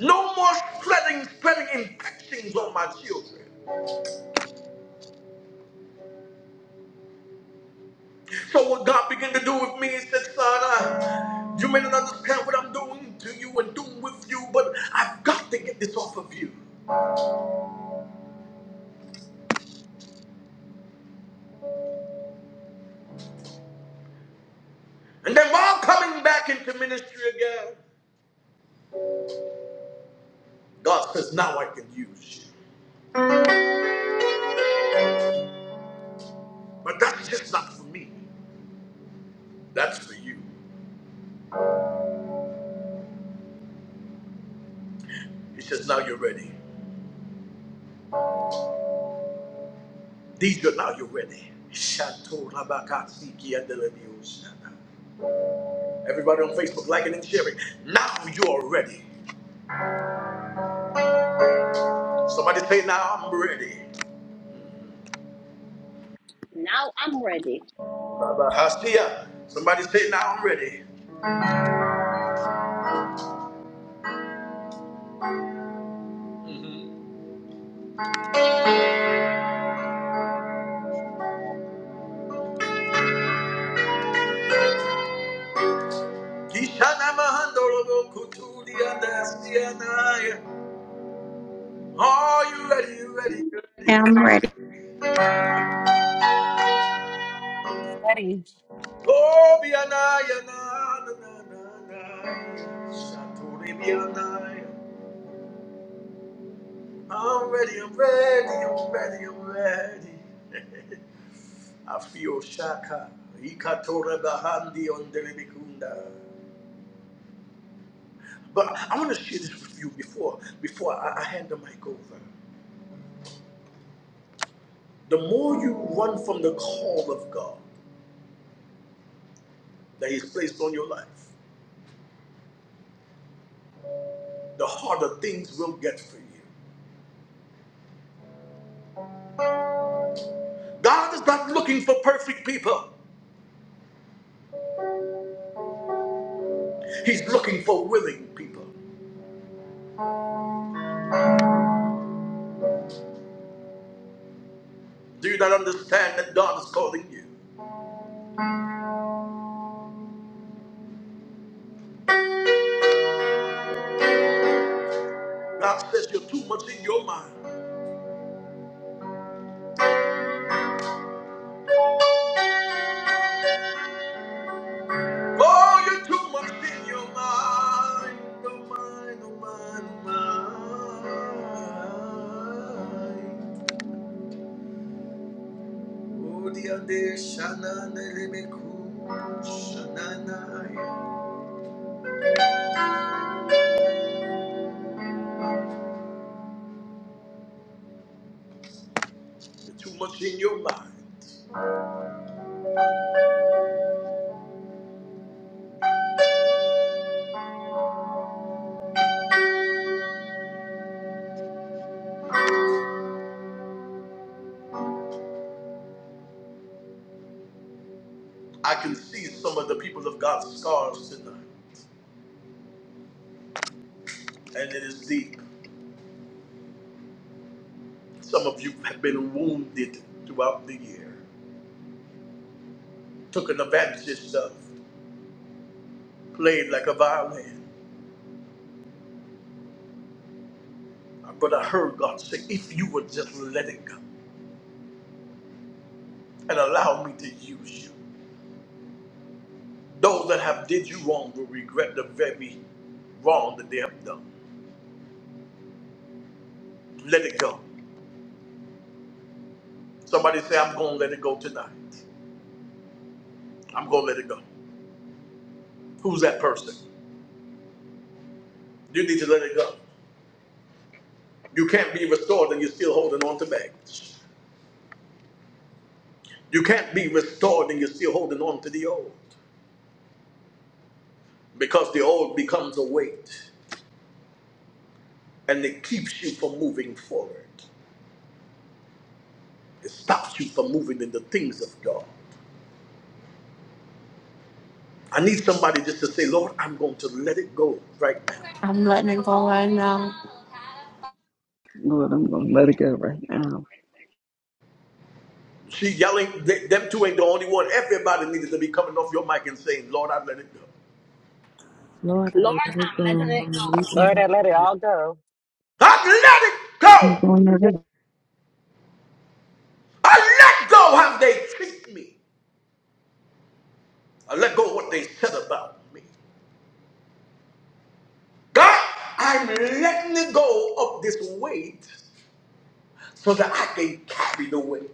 S1: no more spreading spreading infections on my children. So what God began to do with me, he said, son, uh, you may not understand what I'm doing to you and doing with you, but I've got to get this off of you. And then while coming back into ministry again, God says, now I can use you. But that's just not for me. That's for you. He says, now you're ready. These are now you're ready. Shanto rabakatsiki adelebioshana. Everybody on Facebook liking and sharing. Now you are ready. Somebody say, now I'm ready.
S2: Now I'm ready.
S1: Baba Hasia. Somebody say, now I'm ready. Kishana mahandorobo kutuli andasianaya. Are you ready? You ready? You ready?
S7: ready.
S8: Ready.
S1: Oh, be an eye, I'm ready, I'm ready, I'm ready, I'm ready. I feel shaka. Ikatora bahandi on delibikunda. But I want to share this with you before before I, I hand the mic over. The more you run from the call of God that He's placed on your life, the harder things will get for you. God is not looking for perfect people. He's looking for willing people. Do you not understand that God is calling you? God says you're too much in your mind. Oh, you're too much in your mind. Oh, mind, oh, mind, oh, mind. Oh, dear, dear, Shanana, Rebeku, Shanana. yeah. You're too much in your mind. I can see some of the people of God's scars tonight, and it is deep. Some of you have been wounded throughout the year, taken advantage of. played like a violin. But I heard God say, if you would just let it go and allow me to use you, those that have did you wrong will regret the very wrong that they have done. Let it go. Somebody say, I'm going to let it go tonight. I'm going to let it go. Who's that person? You need to let it go. You can't be restored and you're still holding on to baggage. You can't be restored and you're still holding on to the old because the old becomes a weight and it keeps you from moving forward. It stops you from moving in the things of God. I need somebody just to say, Lord, I'm going to let it go right now.
S9: Lord, I'm going to let it go right now.
S1: She yelling, th- them two ain't the only one. Everybody needs to be coming off your mic and saying, Lord, I let it go.
S5: Lord, I
S2: Lord,
S5: let it go.
S2: I'm letting
S5: I'm
S2: it go.
S5: releasing
S8: Lord, I let it
S5: it.
S8: all go.
S1: I let it
S7: I'm
S1: go.
S7: doing it.
S1: I let go how they treat me. I let go what they said about me. God, I'm letting it go of this weight so that I can carry the weight.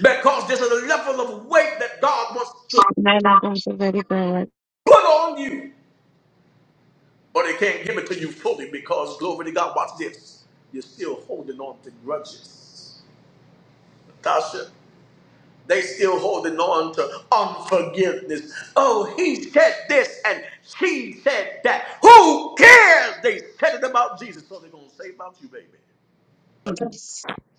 S1: Because there's a level of weight that God wants to
S7: Oh, no, no. Those very
S1: put on you. Or they can't give it to you fully because, glory to God, watch this. You're still holding on to grudges. Tasha, they still holding on to unforgiveness. Oh, he said this and she said that. Who cares? They said it about Jesus, so they're going to say about you, baby.
S7: good.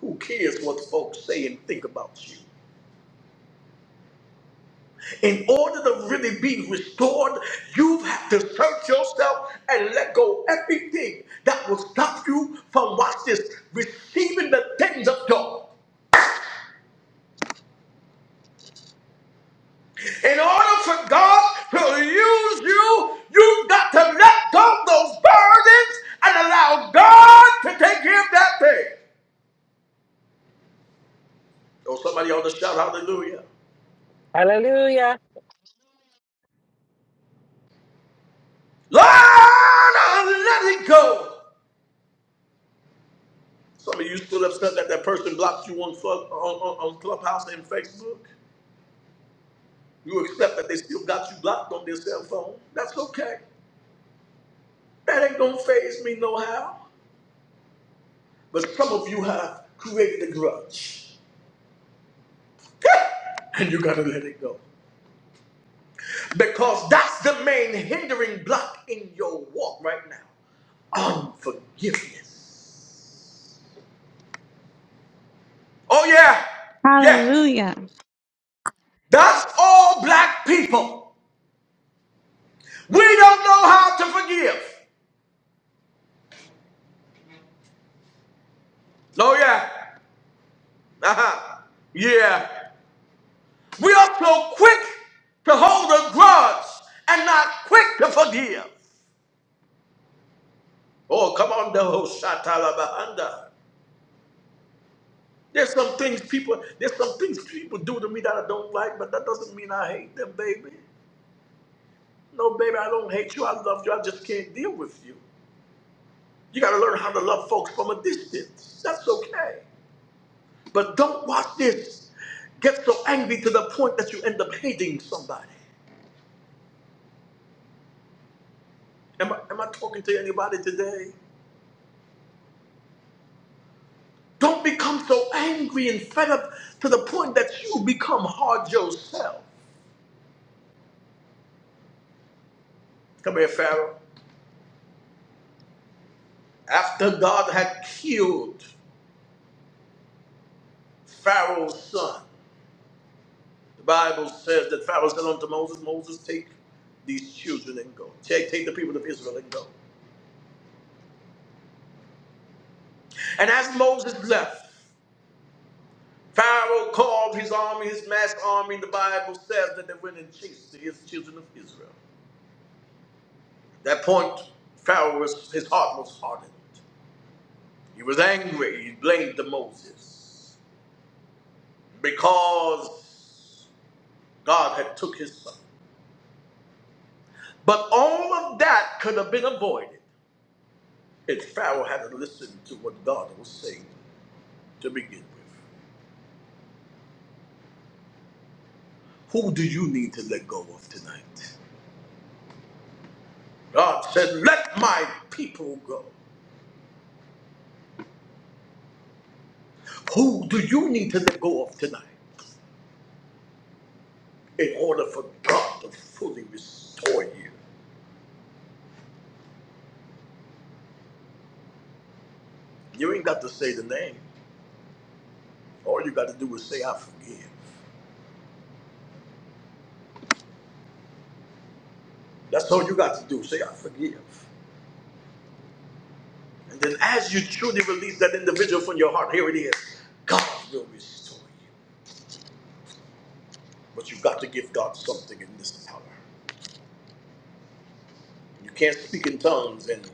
S1: Who cares what folks say and think about you? In order to really be restored, you have to search yourself and let go everything that will stop you from watch this receiving the things of God. In order for God to use you, you've got to let go of those burdens and allow God to take care of that thing. Oh, somebody ought to shout hallelujah.
S8: Hallelujah,
S1: Lord, I'm letting go. Some of you still upset that that person blocked you on, Club- on, on on Clubhouse and Facebook. You accept that they still got you blocked on their cell phone. That's okay. That ain't gonna faze me no how. But some of you have created a grudge. and you gotta let it go. Because that's the main hindering block in your walk right now. Unforgiveness. Oh yeah, yeah.
S7: Hallelujah.
S1: That's all black people. We don't know how to forgive. Oh yeah. Uh-huh. Yeah. We are so quick to hold a grudge and not quick to forgive. Oh, come on, the whole shatalabahanda. There's some things people, there's some things people do to me that I don't like, but that doesn't mean I hate them, baby. No, baby, I don't hate you. I love you. I just can't deal with you. You got to learn how to love folks from a distance. That's okay. But don't watch this. Get so angry to the point that you end up hating somebody. Am I, am I talking to anybody today? Don't become so angry and fed up to the point that you become hard yourself. Come here, Pharaoh. After God had killed Pharaoh's son, the Bible says that Pharaoh said unto Moses, Moses, take these children and go. Take, take the people of Israel and go. And as Moses left, Pharaoh called his army, his mass army, and the Bible says that they went and chased the his children of Israel. At that point, Pharaoh was, his heart was hardened. He was angry. He blamed the Moses because God had took his son. But all of that could have been avoided if Pharaoh had listened to what God was saying to begin with. Who do you need to let go of tonight? God said, "Let my people go." Who do you need to let go of tonight in order for God to fully restore you? You ain't got to say the name. All you got to do is say, "I forgive." That's all you got to do. Say, I forgive. And then as you truly release that individual from your heart, here it is. God will restore you. But you've got to give God something in this hour. You can't speak in tongues and,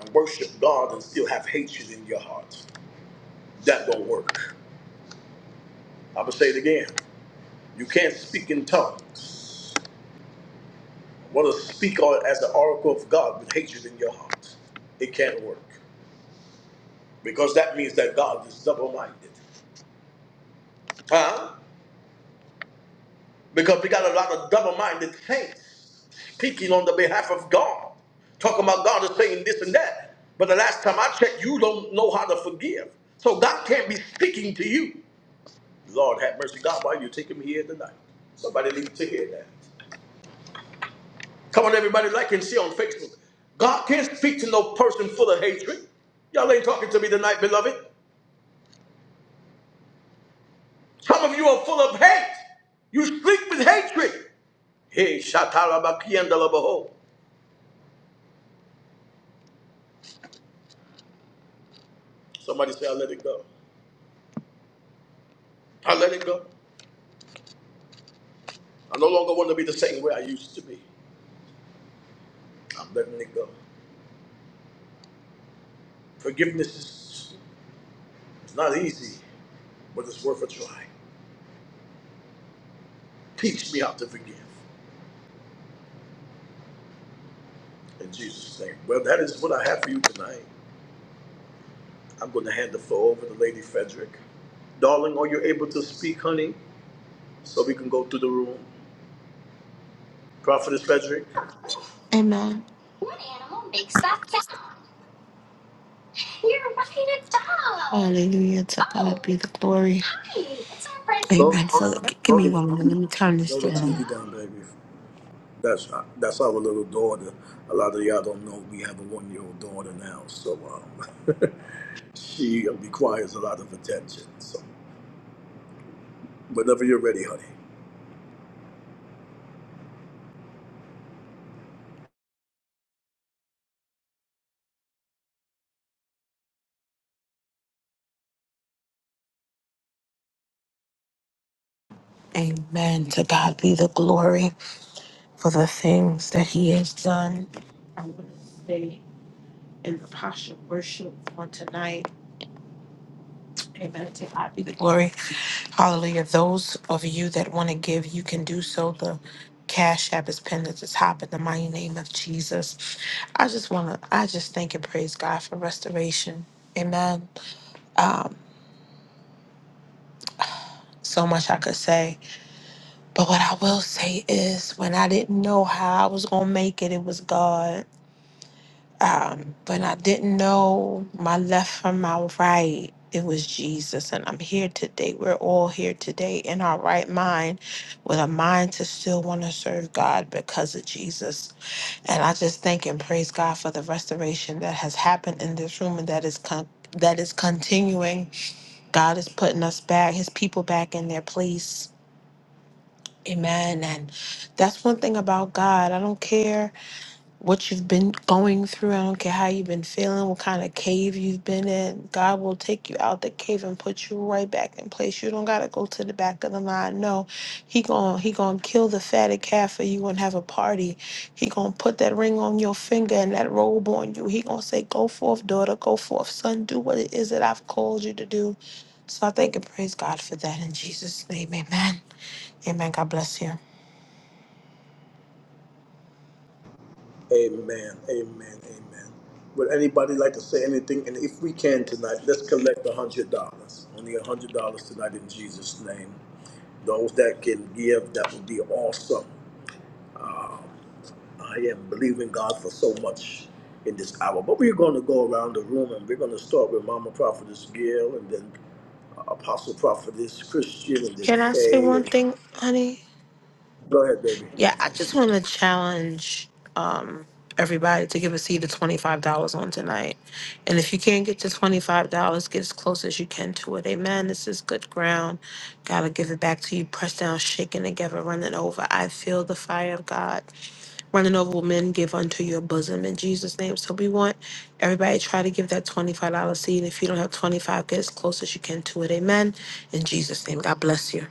S1: and worship God and still have hatred in your heart. That don't work. I'm going to say it again. You can't speak in tongues. Want to speak or- as the oracle of God with hatred in your heart. It can't work. Because that means that God is double-minded. Huh? Because we got a lot of double minded saints speaking on the behalf of God, talking about God is saying this and that. But the last time I checked, you don't know how to forgive. So God can't be speaking to you. Lord have mercy, God, why are you taking me here tonight? Somebody needs to hear that. Come on, everybody, like and share on Facebook. God can't speak to no person full of hatred. Y'all ain't talking to me tonight, beloved. Some of you are full of hate. You speak with hatred. Hey, Shatarabakiandalabaho. Somebody say, I let it go. I let it go. I no longer want to be the same way I used to be. I'm letting it go. Forgiveness is it's not easy, but it's worth a try. Teach me how to forgive. In Jesus' name. Well, that is what I have for you tonight. I'm going to hand the floor over to Lady Frederick. Darling, are you able to speak, honey? So we can go through the room. Prophetess Frederick?
S6: Amen. Hallelujah. To God be the glory.
S1: Load,
S6: Amen.
S1: load,
S6: So g- give
S1: load the
S6: me one moment.
S1: TV down.
S6: Let me turn this
S1: Load the
S6: down.
S1: TV down, baby. That's that's our little daughter. A lot of y'all don't know we have a one-year-old daughter now. So um, She requires a lot of attention. So whenever you're ready, honey.
S6: Amen. To God be the glory for the things that He has done. I'm going to stay in the posture of worship on tonight. Amen. To God be the glory. Hallelujah. Those of you that want to give, you can do so. The Cash App is pinned at the top in the mighty name of Jesus. I just want to, I just thank and praise God for restoration. Amen. Um, so much I could say. But what I will say is, when I didn't know how I was going to make it, it was God. Um, but I didn't know my left from my right. It was Jesus. And I'm here today. We're all here today in our right mind with a mind to still want to serve God because of Jesus. And I just thank and praise God for the restoration that has happened in this room and that is con- that is continuing. God is putting us back, his people back in their place. Amen. And that's one thing about God. I don't care what you've been going through. I don't care how you've been feeling, what kind of cave you've been in. God will take you out the cave and put you right back in place. You don't gotta go to the back of the line. No, he gon' he gonna kill the fatted calf for you and have a party. He gonna put that ring on your finger and that robe on you. He gonna say, "Go forth, daughter. Go forth, son. Do what it is that I've called you to do." So I thank and praise God for that in Jesus' name. Amen. Amen. God bless you.
S1: Amen. Amen. Amen. Would anybody like to say anything? And if we can tonight, let's collect a hundred dollars. Only a hundred dollars tonight in Jesus' name. Those that can give, that would be awesome. I am believing God for so much in this hour. But we're going to go around the room and we're going to start with Mama Prophetess Gail and then Apostle Prophetess Christian and then
S6: Can I say
S1: Faye.
S6: one
S1: And
S6: thing, honey?
S1: go ahead, baby.
S6: Yeah, I just want to challenge um, everybody to give a seed of $25 on tonight. And if you can't get to $25, get as close as you can to it. Amen. This is good ground. Gotta give it back to you. Press down, shaking together, running over. I feel the fire of God. Running over will men give unto your bosom in Jesus' name. So we want everybody to try to give that $25 seed. If you don't have 25 get as close as you can to it. Amen. In Jesus' name, God bless you.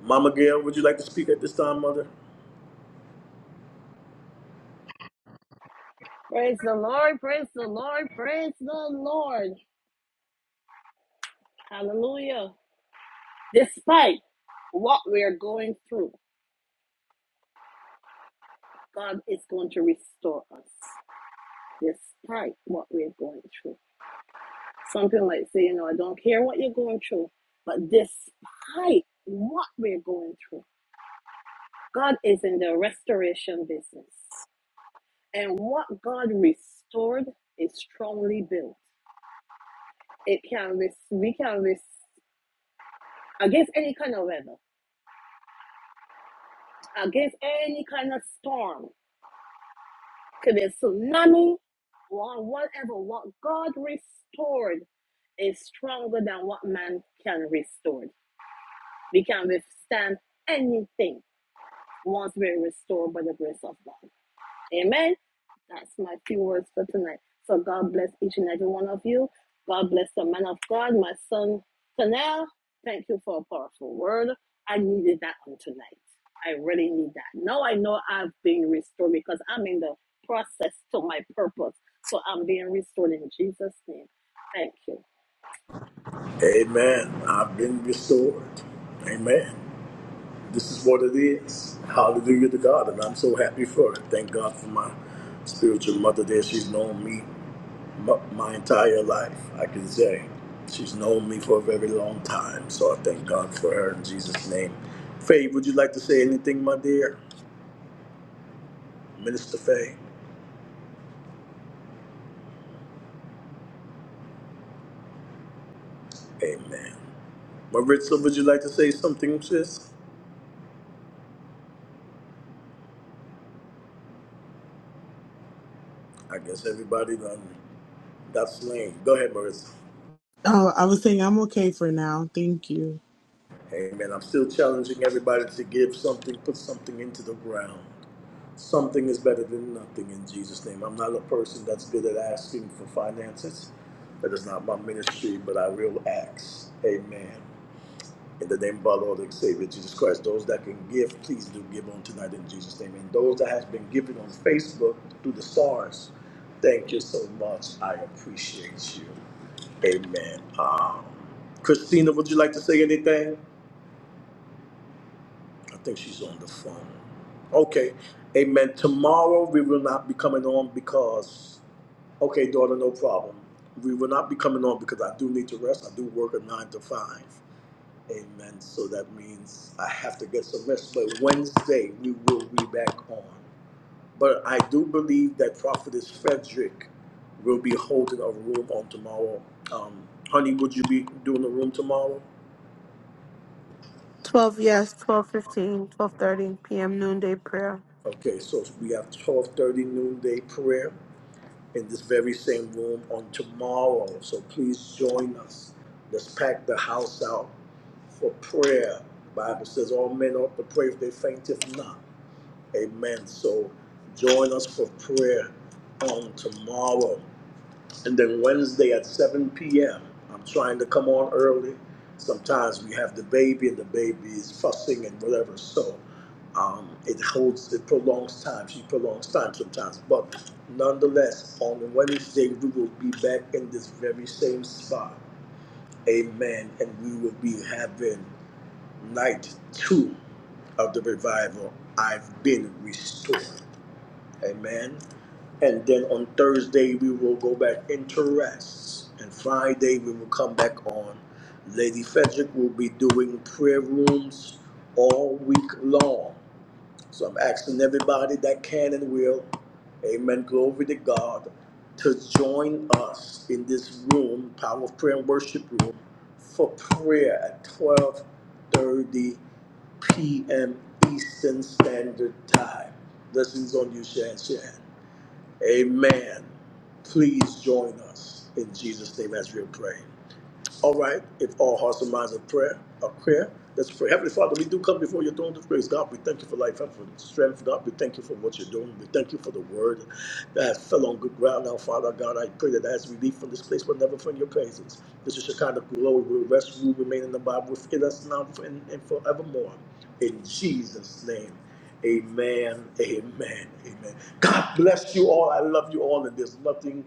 S1: Mama Gail, would you like to speak at this time, Mother?
S2: Praise the Lord. Praise the Lord. Praise the Lord. Hallelujah. Despite what we are going through, God is going to restore us. despite what we're going through. Something like saying, you know, I don't care what you're going through, but despite what we're going through, God is in the restoration business. And what God restored is strongly built. It can res- we can res- against any kind of weather, against any kind of storm, could be a tsunami or whatever. What God restored is stronger than what man can restore. we can withstand anything once we're restored by the grace of God. Amen. That's my few words for tonight. So God bless each and every one of you. God bless the man of God, my son Tanel. Thank you for a powerful word. I needed that on tonight. I really need that. Now I know I've been restored because I'm in the process to my purpose. So I'm being restored in Jesus' name. Thank you.
S1: Amen. I've been restored. Amen. This is what it is. Hallelujah to God. And I'm so happy for it. Thank God for my spiritual mother there. She's known me my, my entire life, I can say. She's known me for a very long time. So I thank God for her in Jesus' name. Faye, would you like to say anything, my dear? Minister Faye? Amen. Maritza, would you like to say something, sis? I guess everybody done got slain. Go ahead, Maritza.
S5: Oh, I was saying I'm okay for now. Thank you.
S1: Amen. I'm still challenging everybody to give something, put something into the ground. Something is better than nothing in Jesus' name. I'm not a person that's good at asking for finances. That is not my ministry, but I will ask. Amen. In the name of our Lord and Savior Jesus Christ, those that can give, please do give on tonight in Jesus' name. And those that has been giving on Facebook through the stars, thank you so much. I appreciate you. Amen. Um, Christina, would you like to say anything? I think she's on the phone. Okay. Amen. Tomorrow we will not be coming on because, okay, daughter, no problem. We will not be coming on because I do need to rest. I do work a nine to five. Amen. So that means I have to get some rest. But Wednesday we will be back on. But I do believe that Prophetess Frederick will be holding a room on tomorrow. Um, honey, would you be doing a room tomorrow?
S6: 12, yes, twelve fifteen, twelve thirty p.m. noonday prayer.
S1: Okay, so we have twelve thirty noonday prayer. in this very same room on tomorrow. So please join us. Let's pack the house out for prayer. The Bible says all men ought to pray if they fainteth not. Amen. So join us for prayer on tomorrow. And then Wednesday at 7 p.m., I'm trying to come on early. Sometimes we have the baby and the baby is fussing and whatever. So um, it holds, it prolongs time. She prolongs time sometimes. But nonetheless, on Wednesday, we will be back in this very same spot. Amen. And we will be having night two of the revival. I've been restored. Amen. And then on Thursday, we will go back into rest. And Friday, we will come back on. Lady Frederick will be doing prayer rooms all week long. So I'm asking everybody that can and will, amen, glory to God, to join us in this room, Power of Prayer and Worship Room, for prayer at 1230 p.m. Eastern Standard Time. Blessings on you, Shan Shan. Amen. Please join us in Jesus' name as we pray. All right, if all hearts and minds are prayer, are prayer, let's pray. Heavenly Father, we do come before your throne of grace. God, we thank you for life and for strength. God, we thank you for what you're doing. We thank you for the word that fell on good ground. Now, Father God, I pray that as we leave from this place, we'll never from your presence. This is your kind of glory. We rest, rule, remain in the Bible within us now and, and forevermore. In Jesus' name. Amen. Amen. Amen. God bless you all. I love you all, and there's nothing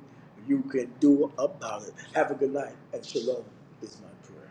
S1: you can do about it. Have a good night, and shalom is my prayer.